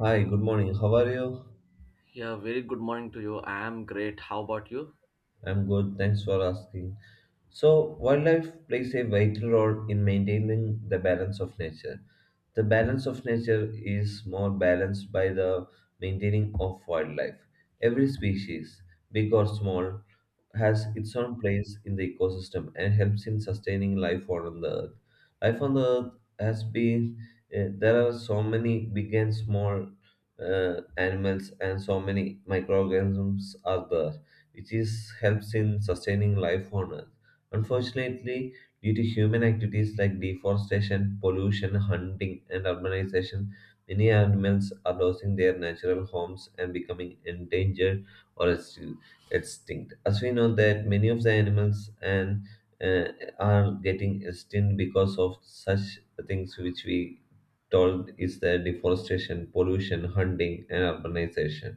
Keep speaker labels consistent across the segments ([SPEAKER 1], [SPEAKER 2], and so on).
[SPEAKER 1] Hi, good morning. How are you?
[SPEAKER 2] Yeah, very good morning to you. I am great. How about you?
[SPEAKER 1] I'm good. Thanks for asking. So, wildlife plays a vital role in maintaining the balance of nature. The balance of nature is more balanced by the maintaining of wildlife. Every species, big or small, has its own place in the ecosystem and helps in sustaining life on the earth. Life on the earth has been, there are so many big and small animals and so many microorganisms are there, which is helps in sustaining life on earth. Unfortunately, due to human activities like deforestation, pollution, hunting, and urbanization, many animals are losing their natural homes and becoming endangered or extinct. As we know that many of the animals and uh, are getting extinct because of such things which we told is the deforestation, pollution, hunting, and urbanization.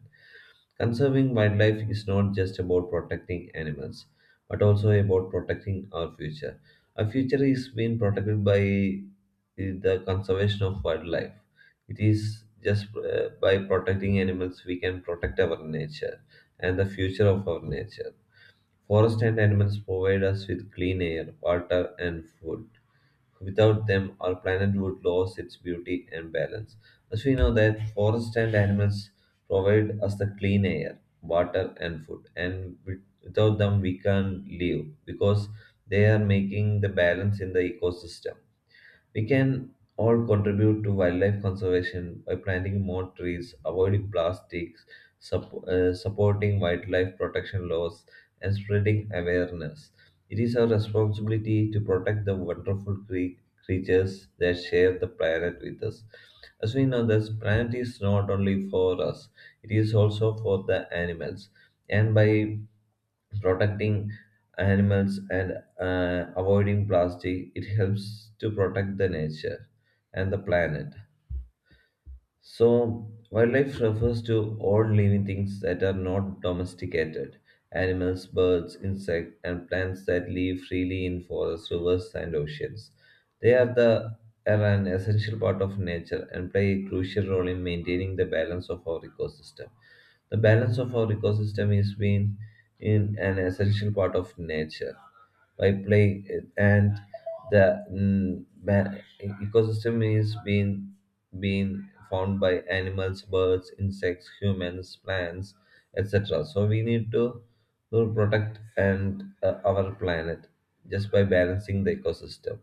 [SPEAKER 1] Conserving wildlife is not just about protecting animals, but also about protecting our future. Our future is being protected by the conservation of wildlife. It is just by protecting animals we can protect our nature and the future of our nature. Forest and animals provide us with clean air, water, and food. Without them, our planet would lose its beauty and balance. As we know that forests and animals provide us the clean air, water, and food, and without them we can't live because they are making the balance in the ecosystem. We can all contribute to wildlife conservation by planting more trees, avoiding plastics, supporting wildlife protection laws, and spreading awareness. It is our responsibility to protect the wonderful creatures that share the planet with us. As we know, this planet is not only for us, it is also for the animals. And by protecting animals and avoiding plastic, it helps to protect the nature and the planet. So, wildlife refers to all living things that are not domesticated animals, birds, insects, and plants that live freely in forests, rivers, and oceans. They are, the, are an essential part of nature and play a crucial role in maintaining the balance of our ecosystem. The balance of our ecosystem is being in an essential part of nature by play and the ecosystem is being found by animals, birds, insects, humans, plants, etc. So we need to protect and our planet just by balancing the ecosystem.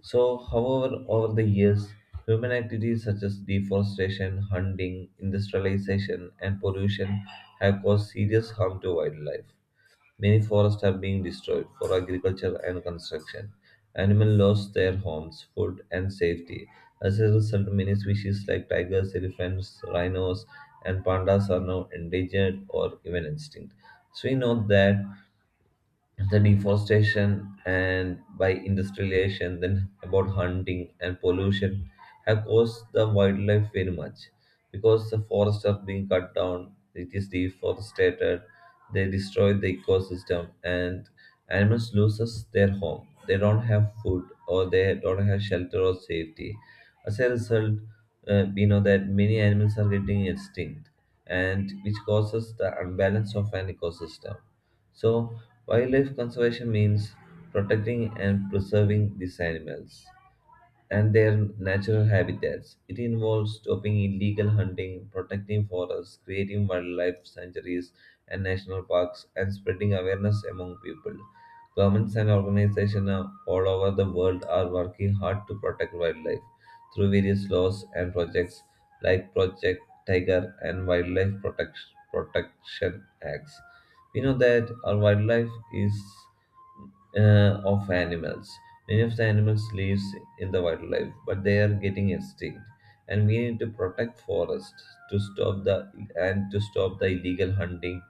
[SPEAKER 1] So, however, over the years, human activities such as deforestation, hunting, industrialization, and pollution have caused serious harm to wildlife. Many forests are being destroyed for agriculture and construction. Animals lost their homes, food, and safety. As a result, many species like tigers, elephants, rhinos, and pandas are now endangered or even extinct. So, we know that the deforestation and by industrialization, then about hunting and pollution, have caused the wildlife very much, because the forests are being cut down, it is deforested, they destroy the ecosystem, and animals loses their home, they don't have food or they don't have shelter or safety. As a result, we know that many animals are getting extinct and which causes the unbalance of an ecosystem. So, wildlife conservation means protecting and preserving these animals and their natural habitats. It involves stopping illegal hunting, protecting forests, creating wildlife sanctuaries and national parks, and spreading awareness among people. Governments and organizations all over the world are working hard to protect wildlife through various laws and projects like Project Tiger and Wildlife Protection Acts. We know that our wildlife is of animals. Many of the animals live in the wildlife, but they are getting extinct. And we need to protect forests to stop the and to stop the illegal hunting.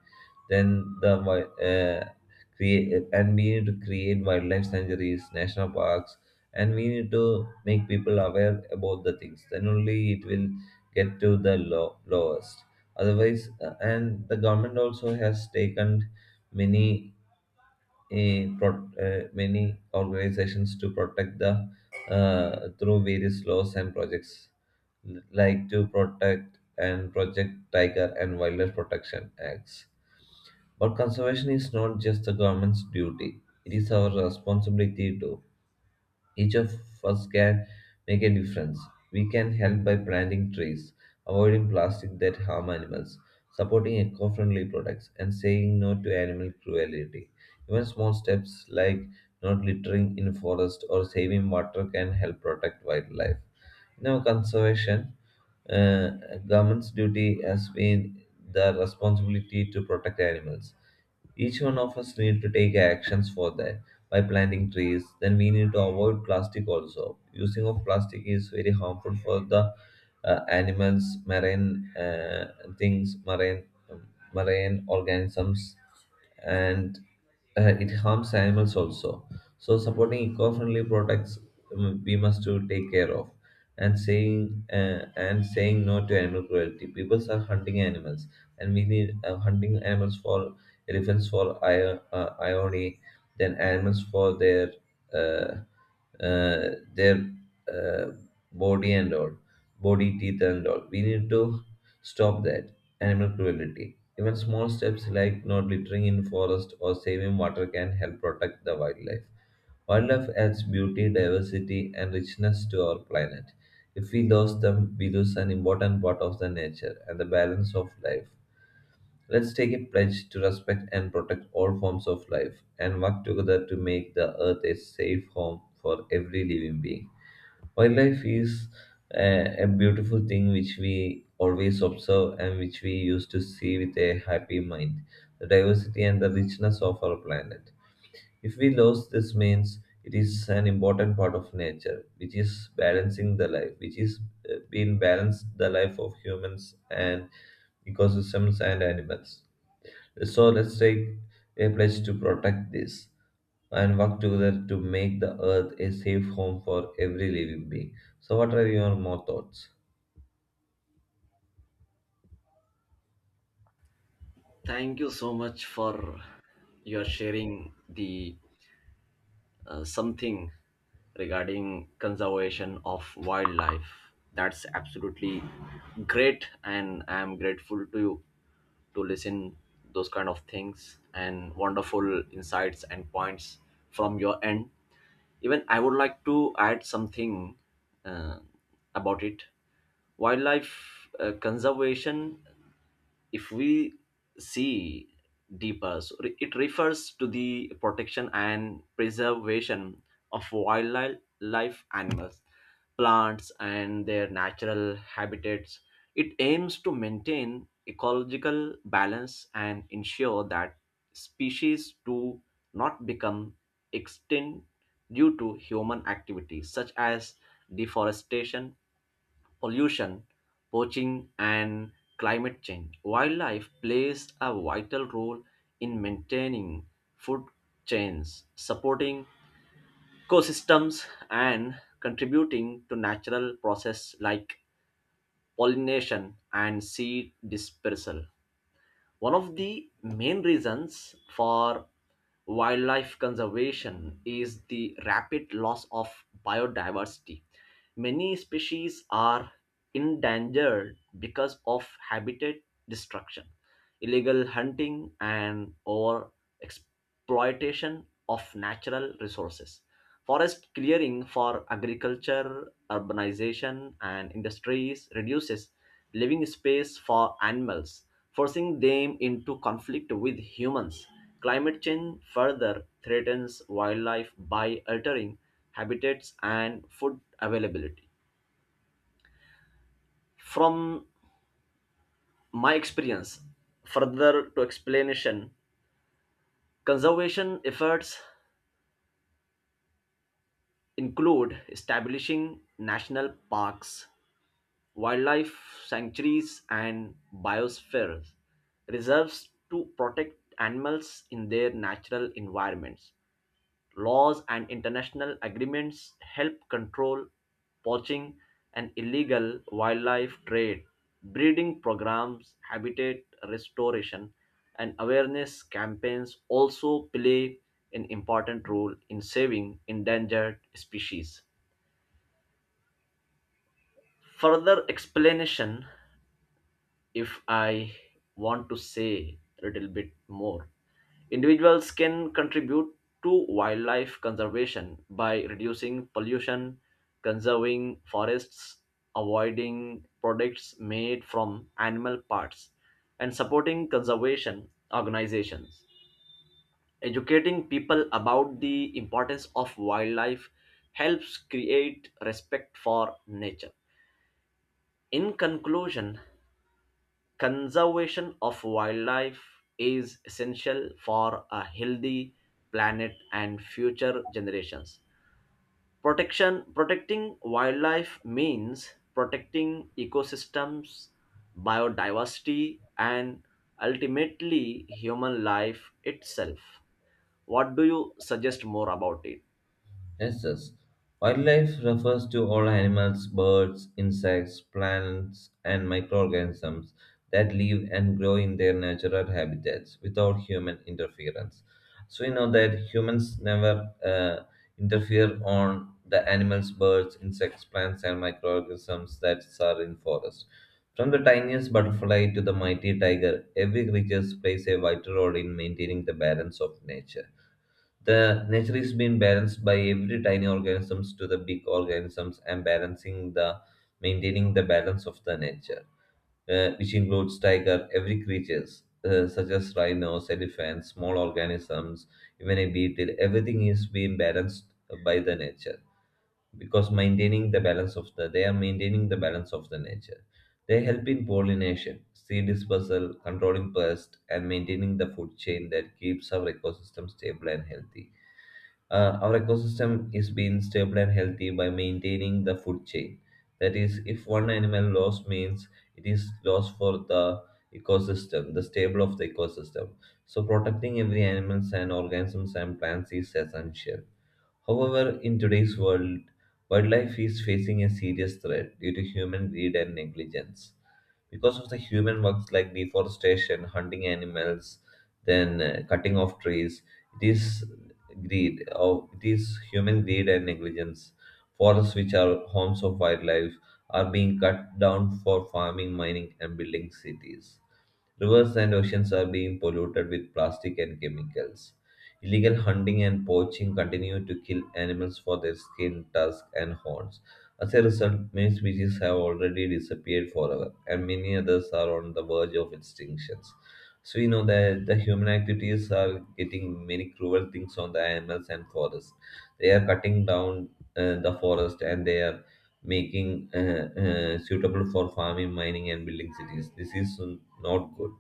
[SPEAKER 1] Then the wi- create and we need to create wildlife sanctuaries, national parks, and we need to make people aware about the things. Then only it will get to the lowest. Otherwise, and the government also has taken many many organizations to protect the through various laws and projects like to protect and project tiger and wildlife protection acts. But conservation is not just the government's duty, it is our responsibility too. Each of us can make a difference. We can help by planting trees, avoiding plastic that harm animals, supporting eco-friendly products, and saying no to animal cruelty. Even small steps like not littering in forest or saving water can help protect wildlife. Now, conservation, uh, government's duty has been the responsibility to protect animals. Each one of us need to take actions for that by planting trees. Then we need to avoid plastic also. Using of plastic is very harmful for the animals, marine um, marine organisms, and it harms animals also. So supporting eco-friendly products, we must to take care of, and saying no to animal cruelty. People are hunting animals, and we need hunting animals for elephants for irony, then animals for their uh, uh, their uh, body and all, body teeth and all. We need to stop that animal cruelty. Even small steps like not littering in forest or saving water can help protect the wildlife. Wildlife adds beauty, diversity, and richness to our planet. If we lose them, we lose an important part of the nature and the balance of life. Let's take a pledge to respect and protect all forms of life and work together to make the earth a safe home for every living being. Wildlife is a beautiful thing which we always observe and which we used to see with a happy mind. The diversity and the richness of our planet. If we lose this means it is an important part of nature which is balancing the life, which is being balanced the life of humans and ecosystems and animals. So let's take a pledge to protect this and work together to make the earth a safe home for every living being. So, what are your more thoughts?
[SPEAKER 2] Thank you so much for your sharing the something regarding conservation of wildlife. That's absolutely great, and I am grateful to you to listen those kind of things and wonderful insights and points from your end. Even I would like to add something uh, about it. Wildlife conservation if we see deeper, so it refers to the protection and preservation of wildlife animals, plants, and their natural habitats. It aims to maintain ecological balance and ensure that species do not become extinct due to human activities such as deforestation, pollution, poaching, and climate change. Wildlife plays a vital role in maintaining food chains, supporting ecosystems, and contributing to natural processes like pollination and seed dispersal. One of the main reasons for wildlife conservation is the rapid loss of biodiversity. Many species are endangered because of habitat destruction, illegal hunting, and over exploitation of natural resources. Forest clearing for agriculture, urbanization, and industries reduces living space for animals, forcing them into conflict with humans. Climate change further threatens wildlife by altering habitats and food availability. From my experience, further to explanation, conservation efforts include establishing national parks, wildlife sanctuaries, and biosphere reserves to protect animals in their natural environments. Laws and international agreements help control poaching and illegal wildlife trade. Breeding programs, habitat restoration, and awareness campaigns also play an important role in saving endangered species. Further explanation, if I want to say a little bit more, individuals can contribute to wildlife conservation by reducing pollution, conserving forests, avoiding products made from animal parts, and supporting conservation organizations. Educating people about the importance of wildlife helps create respect for nature. In conclusion, conservation of wildlife is essential for a healthy planet and future generations. Protection, protecting wildlife means protecting ecosystems, biodiversity, and ultimately human life itself. What do you suggest more about it?
[SPEAKER 1] Yes, yes. Wildlife refers to all animals, birds, insects, plants, and microorganisms that live and grow in their natural habitats without human interference. So we know that humans never interfere on the animals, birds, insects, plants, and microorganisms that are in forest. From the tiniest butterfly to the mighty tiger, every creature plays a vital role in maintaining the balance of nature. The nature is being balanced by every tiny organisms to the big organisms and balancing the maintaining the balance of the nature, which includes tiger, every creatures such as rhinos, elephants, small organisms, even a beetle. Everything is being balanced by the nature because maintaining the balance of the they are maintaining the balance of the nature. They help in pollination, seed dispersal, controlling pests, and maintaining the food chain that keeps our ecosystem stable and healthy. Our ecosystem is being stable and healthy by maintaining the food chain. That is, if one animal loss means it is loss for the ecosystem, the stable of the ecosystem. So protecting every animals and organisms and plants is essential. However, in today's world, wildlife is facing a serious threat due to human greed and negligence. Because of the human works like deforestation, hunting animals, then cutting off trees, it is greed, or it is human greed and negligence. Forests, which are homes of wildlife, are being cut down for farming, mining, and building cities. Rivers and oceans are being polluted with plastic and chemicals. Illegal hunting and poaching continue to kill animals for their skin, tusks, and horns. As a result, many species have already disappeared forever, and many others are on the verge of extinctions. So we know that the human activities are getting many cruel things on the animals and forests. They are cutting down the forest and they are making suitable for farming, mining, and building cities. This is not good,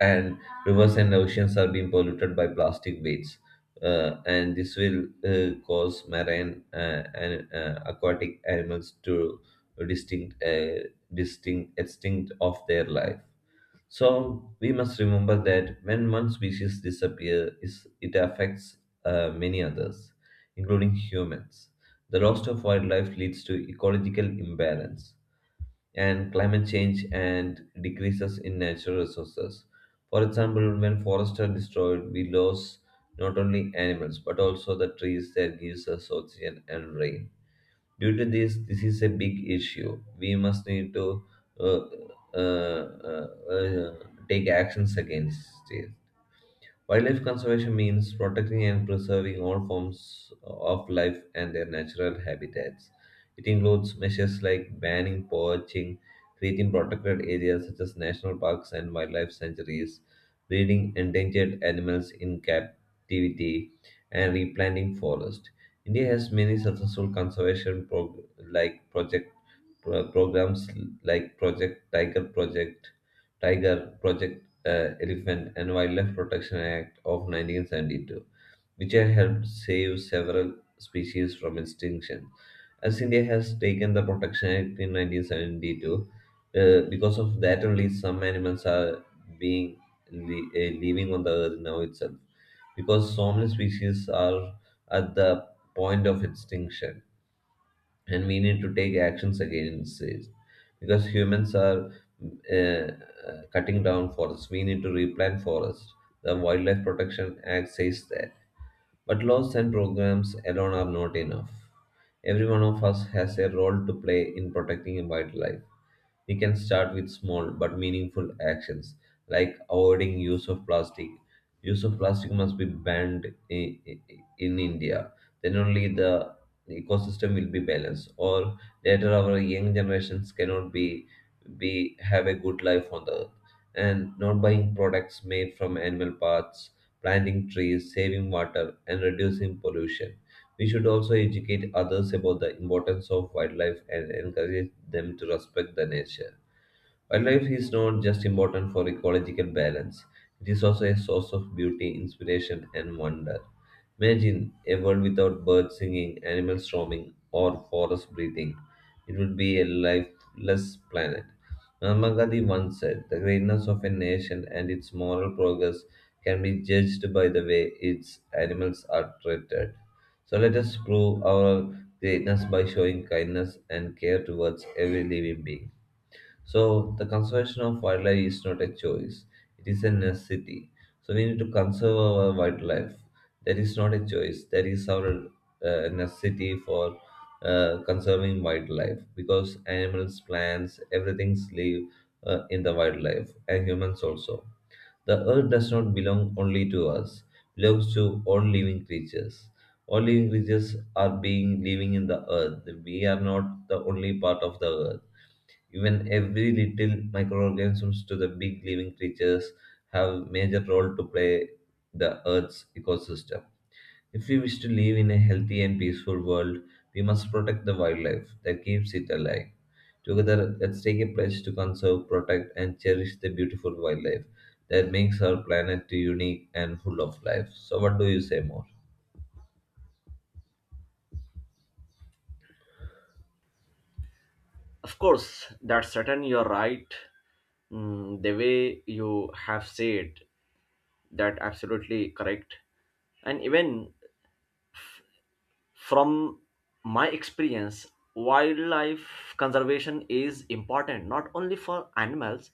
[SPEAKER 1] and rivers and oceans are being polluted by plastic waste. And this will cause marine and aquatic animals to distinct, uh, extinct of their life. So we must remember that when one species disappears, it affects many others, including humans. The loss of wildlife leads to ecological imbalance and climate change and decreases in natural resources. For example, when forests are destroyed, we lose not only animals but also the trees that gives us oxygen and rain. Due to this, this is a big issue. We must need to uh, uh, uh, uh, take actions against it. Wildlife conservation means protecting and preserving all forms of life and their natural habitats. It includes measures like banning poaching, creating protected areas such as national parks and wildlife sanctuaries, breeding endangered animals in captivity, and replanting forests. India has many successful conservation like projects programs like Project Tiger, Project Elephant, and Wildlife Protection Act of 1972, which have helped save several species from extinction. As India has taken the Protection Act in 1972, because of that only some animals are being living on the earth now itself, because so many species are at the point of extinction, and we need to take actions against it because humans are cutting down forests. We need to replant forests. The wildlife protection act says that, but laws and programs alone are not enough. Every one of us has a role to play in protecting wildlife. We can start with small but meaningful actions like avoiding use of plastic. Use of plastic must be banned in India. Then only the ecosystem will be balanced. Or later our young generations cannot be be have a good life on the earth. And not buying products made from animal parts, planting trees, saving water, and reducing pollution. We should also educate others about the importance of wildlife and encourage them to respect the nature. Wildlife is not just important for ecological balance, it is also a source of beauty, inspiration, and wonder. Imagine a world without birds singing, animals roaming, or forests breathing. It would be a lifeless planet. Mahatma Gandhi once said, "The greatness of a nation and its moral progress can be judged by the way its animals are treated." So let us prove our greatness by showing kindness and care towards every living being. So the conservation of wildlife is not a choice; it is a necessity. So we need to conserve our wildlife. That is not a choice. That is our necessity for conserving wildlife, because animals, plants, everything live in the wildlife, and humans also. The earth does not belong only to us; belongs to all living creatures. All living creatures are being living in the earth. We are not the only part of the earth. Even every little microorganisms to the big living creatures have major role to play the Earth's ecosystem. If we wish to live in a healthy and peaceful world, we must protect the wildlife that keeps it alive. Together, let's take a pledge to conserve, protect, and cherish the beautiful wildlife that makes our planet unique and full of life. So, what do you say more?
[SPEAKER 2] Of course, that's certain, you're right. Mm, the way you have said, that absolutely correct. And even from my experience, wildlife conservation is important not only for animals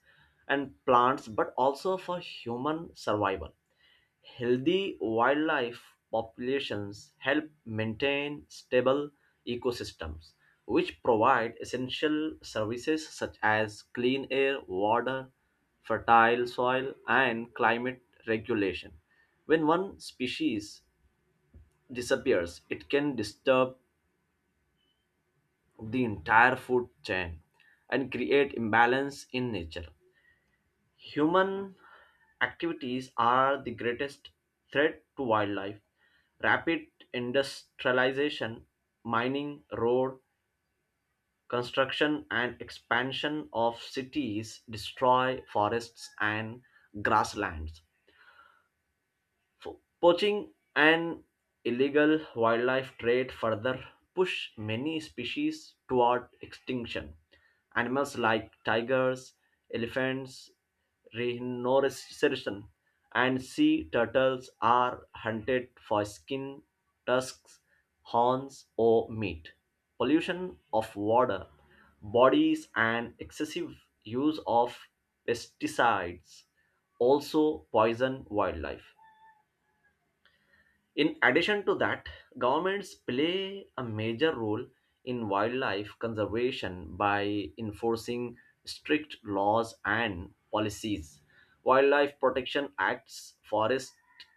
[SPEAKER 2] and plants but also for human survival. Healthy wildlife populations help maintain stable ecosystems, which provide essential services such as clean air, water, fertile soil, and climate regulation. When one species disappears, it can disturb the entire food chain and create imbalance in nature. Human activities are the greatest threat to wildlife. Rapid industrialization, mining, road construction, and expansion of cities destroy forests and grasslands. Poaching and illegal wildlife trade further push many species toward extinction. Animals like tigers, elephants, rhinoceros, and sea turtles are hunted for skin, tusks, horns, or meat. Pollution of water, bodies, and excessive use of pesticides also poison wildlife. In addition to that, governments play a major role in wildlife conservation by enforcing strict laws and policies. Wildlife Protection Acts, forest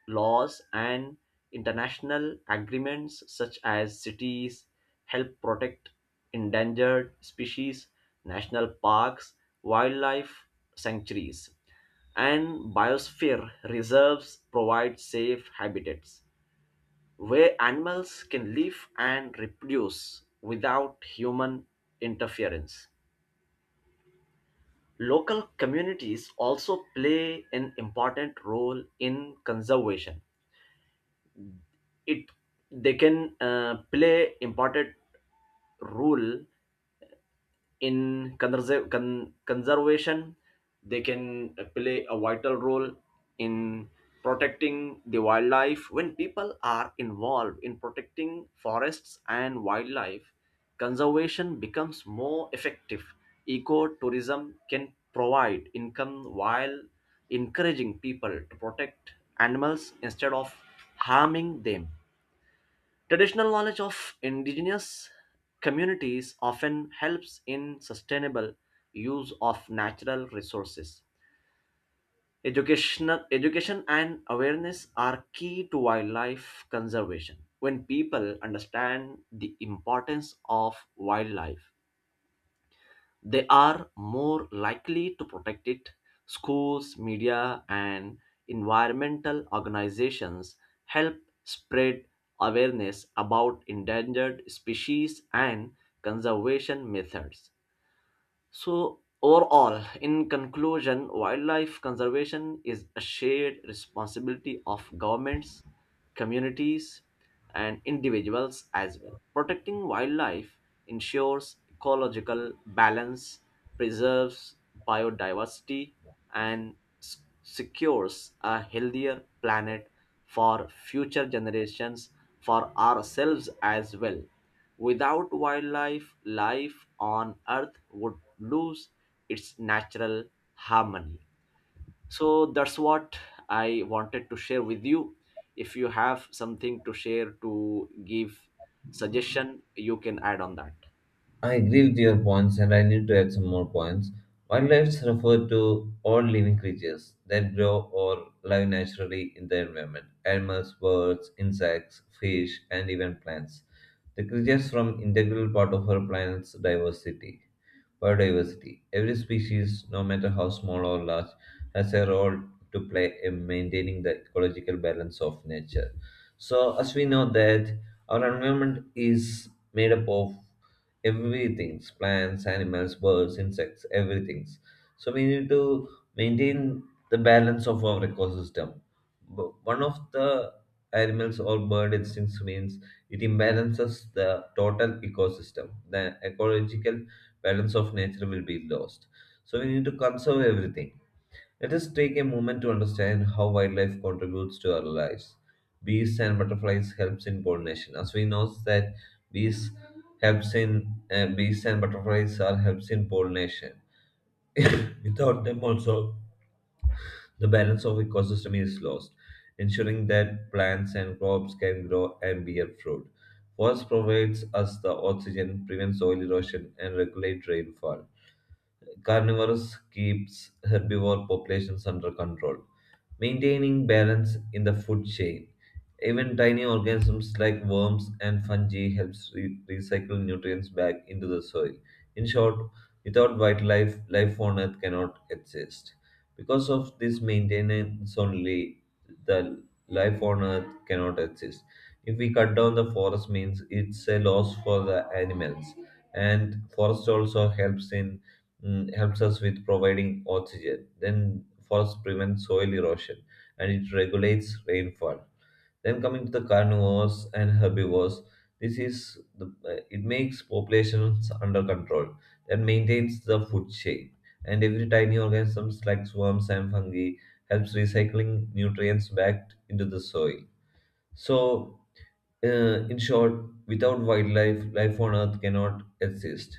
[SPEAKER 2] laws, and international agreements such as cities help protect endangered species. National parks, wildlife sanctuaries, and biosphere reserves provide safe habitats where animals can live and reproduce without human interference. Local communities also play an important role in conservation. It they can play important role in conservation. They can play a vital role in protecting the wildlife. When people are involved in protecting forests and wildlife, conservation becomes more effective. Ecotourism can provide income while encouraging people to protect animals instead of harming them. Traditional knowledge of indigenous communities often helps in sustainable use of natural resources. Education and awareness are key to wildlife conservation. When people understand the importance of wildlife, they are more likely to protect it. Schools, media, and environmental organizations help spread awareness about endangered species and conservation methods. So, overall, in conclusion, wildlife conservation is a shared responsibility of governments, communities, and individuals as well. Protecting wildlife ensures ecological balance, preserves biodiversity, and secures a healthier planet for future generations, for ourselves as well. Without wildlife, life on Earth would lose its natural harmony. So that's what I wanted to share with you. If you have something to share, to give suggestion, you can add on that.
[SPEAKER 1] I agree with your points, and I need to add some more points. Wildlife refer to all living creatures that grow or live naturally in the environment: animals, birds, insects, fish, and even plants. The creatures form integral part of our planet's diversity. Biodiversity. Every species, no matter how small or large, has a role to play in maintaining the ecological balance of nature. So, as we know that our environment is made up of everything's plants, animals, birds, insects, everything's. So we need to maintain the balance of our ecosystem. One of the animals or bird instincts means it imbalances the total ecosystem. The ecological balance of nature will be lost. So we need to conserve everything. Let us take a moment to understand how wildlife contributes to our lives. Bees and butterflies helps in pollination. As we know that bees bees and butterflies are helps in pollination. Without them also, the balance of ecosystem is lost, ensuring that plants and crops can grow and bear fruit. Forest provides us the oxygen, prevents soil erosion, and regulates rainfall. Carnivores keeps herbivore populations under control, maintaining balance in the food chain. Even tiny organisms like worms and fungi helps recycle nutrients back into the soil. In short, without wildlife, life on Earth cannot exist. Because of this maintenance only, the life on Earth cannot exist. If we cut down the forest means it's a loss for the animals, and forest also helps in helps us with providing oxygen. Then forests prevent soil erosion and it regulates rainfall. Then coming to the carnivores and herbivores, it makes populations under control and maintains the food chain. And every tiny organisms like worms and fungi helps recycling nutrients back into the soil. So, uh, in short, without wildlife, life on Earth cannot exist.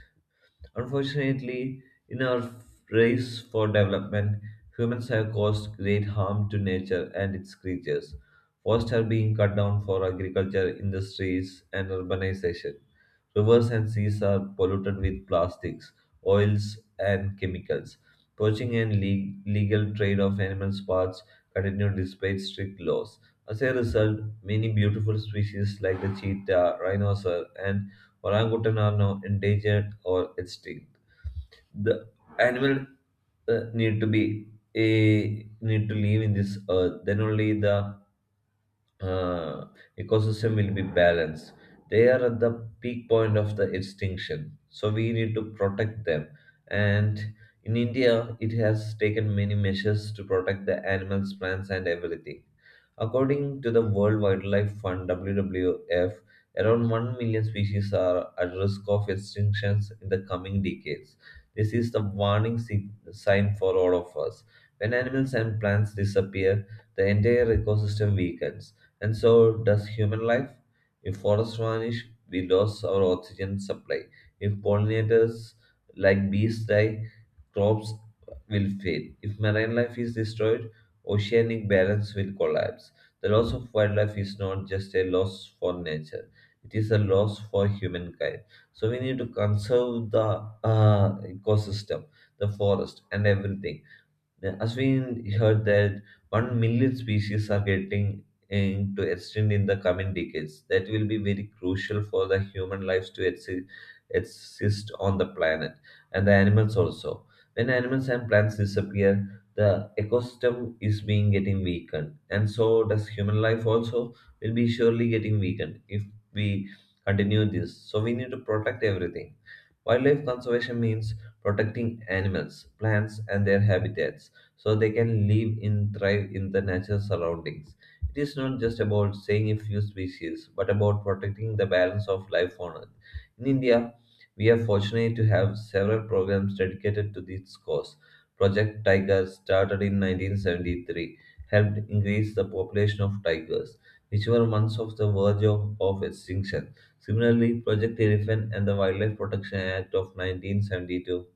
[SPEAKER 1] Unfortunately, in our race for development, humans have caused great harm to nature and its creatures. Forests are being cut down for agriculture, industries, and urbanization. Rivers and seas are polluted with plastics, oils, and chemicals. Poaching and legal trade of animal parts continue despite strict laws. As a result, many beautiful species like the cheetah, rhinoceros, and Orangutan are now endangered or extinct. The animal uh, need to be need to live in this earth. Then only the uh, ecosystem will be balanced. They are at the peak point of the extinction, so we need to protect them. And in India, it has taken many measures to protect the animals, plants, and everything. According to the World Wildlife Fund (WWF), around 1 million species are at risk of extinctions in the coming decades. This is the warning sign for all of us. When animals and plants disappear, the entire ecosystem weakens and so does human life. If forests vanish, we lose our oxygen supply. If pollinators like bees die, crops will fail. If marine life is destroyed, oceanic balance will collapse. The loss of wildlife is not just a loss for nature, it is a loss for humankind. So we need to conserve the ecosystem, the forest, and everything. Yeah, as we heard that 1 million species are getting into extinct in the coming decades, that will be very crucial for the human lives to exist on the planet, and the animals also. When animals and plants disappear, the ecosystem is being getting weakened, and so does human life also will be surely getting weakened if we continue this. So we need to protect everything. Wildlife conservation means protecting animals, plants, and their habitats so they can live and thrive in the natural surroundings. It is not just about saving a few species, but about protecting the balance of life on Earth. In India, we are fortunate to have several programs dedicated to this cause. Project Tiger, started in 1973, helped increase the population of tigers, which were once on the verge of extinction. Similarly, Project Elephant and the Wildlife Protection Act of 1972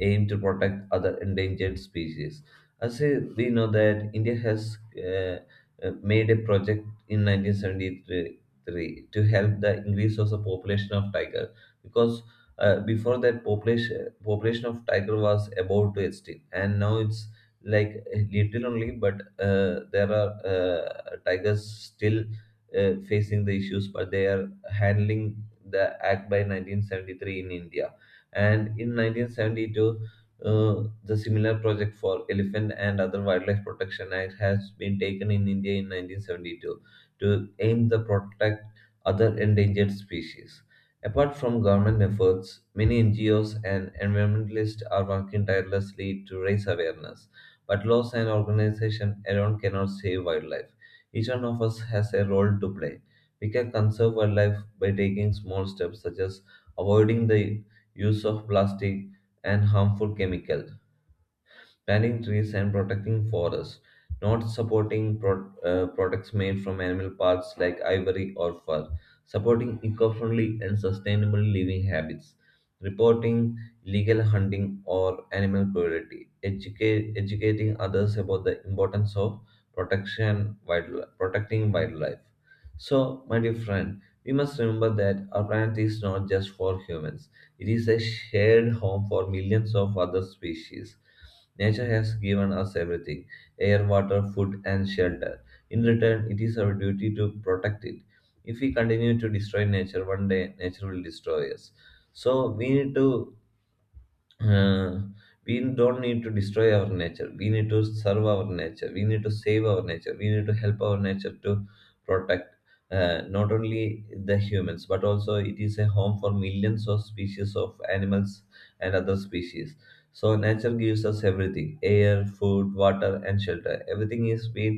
[SPEAKER 1] aim to protect other endangered species. As we know that India has made a project in 1973 to help the increase of the population of tiger, because before that population of tiger was about to extinct, and now it's like little only, but there are tigers still facing the issues, but they are handling the act by 1973 in india, and in 1972 the similar project for elephant and other wildlife protection act has been taken in india in 1972 to aim to protect other endangered species. Apart from government efforts, many ngos and environmentalists are working tirelessly to raise awareness, but laws and organization alone cannot save wildlife. Each one of us has a role to play. We can conserve wildlife by taking small steps such as avoiding the use of plastic and harmful chemicals, planting trees and protecting forests, not supporting products made from animal parts like ivory or fur, supporting eco friendly and sustainable living habits, reporting illegal hunting or animal cruelty, educating others about the importance of protecting wildlife. So, my dear friend, we must remember that our planet is not just for humans, it is a shared home for millions of other species. Nature has given us everything: air, water, food, and shelter. In return, it is our duty to protect it. If we continue to destroy nature, one day nature will destroy us. So, we need to uh, we don't need to destroy our nature. We need to serve our nature, we need to save our nature, we need to help our nature to protect not only the humans, but also it is a home for millions of species of animals and other species. So nature gives us everything: air, food, water, and shelter. Everything is being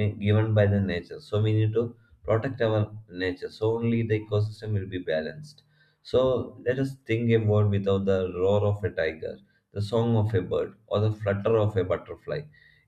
[SPEAKER 1] given by the nature, so we need to protect our nature, so only the ecosystem will be balanced. So let us think a world without the roar of a tiger, the song of a bird, or the flutter of a butterfly.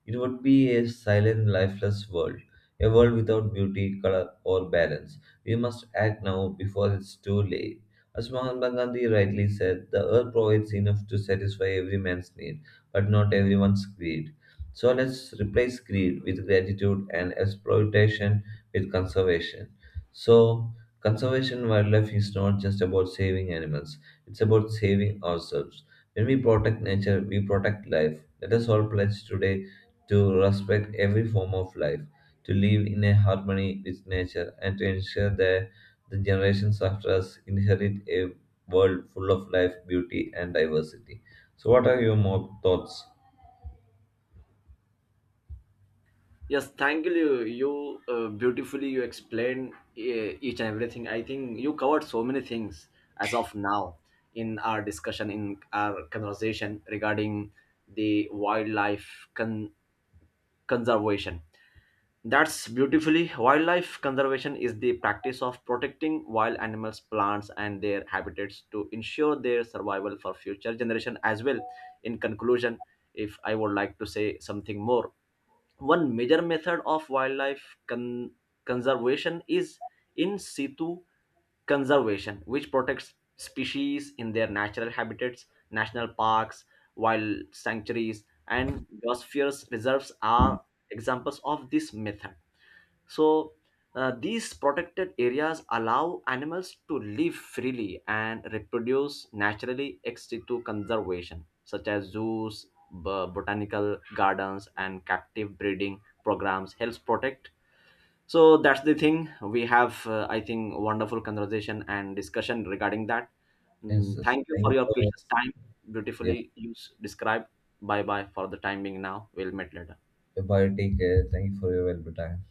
[SPEAKER 1] It would be a silent, lifeless world, a world without beauty, color, or balance. We must act now before it's too late. As Mahatma Gandhi rightly said, "The earth provides enough to satisfy every man's need, but not everyone's greed." So let's replace greed with gratitude and exploitation with conservation. So conservation wildlife is not just about saving animals, it's about saving ourselves. When we protect nature, we protect life. Let us all pledge today to respect every form of life, to live in a harmony with nature, and to ensure that the generations after us inherit a world full of life, beauty, and diversity. So, what are your more thoughts?
[SPEAKER 2] Yes, thank you. Beautifully you explained each and everything. I think you covered so many things as of now in our discussion, in our conversation regarding the conservation. That's beautifully. Wildlife conservation is the practice of protecting wild animals, plants, and their habitats to ensure their survival for future generation as well. In conclusion, if I would like to say something more, one major method of conservation is in situ conservation, which protects species in their natural habitats. National parks, wild sanctuaries, and biosphere reserves are examples of this method. So, these protected areas allow animals to live freely and reproduce naturally, except to conservation, such as zoos, botanical gardens, and captive breeding programs helps protect. So that's the thing. I think, wonderful conversation and discussion regarding that.
[SPEAKER 1] Yes,
[SPEAKER 2] Mm,
[SPEAKER 1] yes.
[SPEAKER 2] thank you
[SPEAKER 1] Thank
[SPEAKER 2] for
[SPEAKER 1] you
[SPEAKER 2] your
[SPEAKER 1] for
[SPEAKER 2] precious time.
[SPEAKER 1] your,
[SPEAKER 2] Beautifully you described. Bye bye for the time being. Now we'll meet later.
[SPEAKER 1] yeah, bye. Take care. Thank you for your valuable time.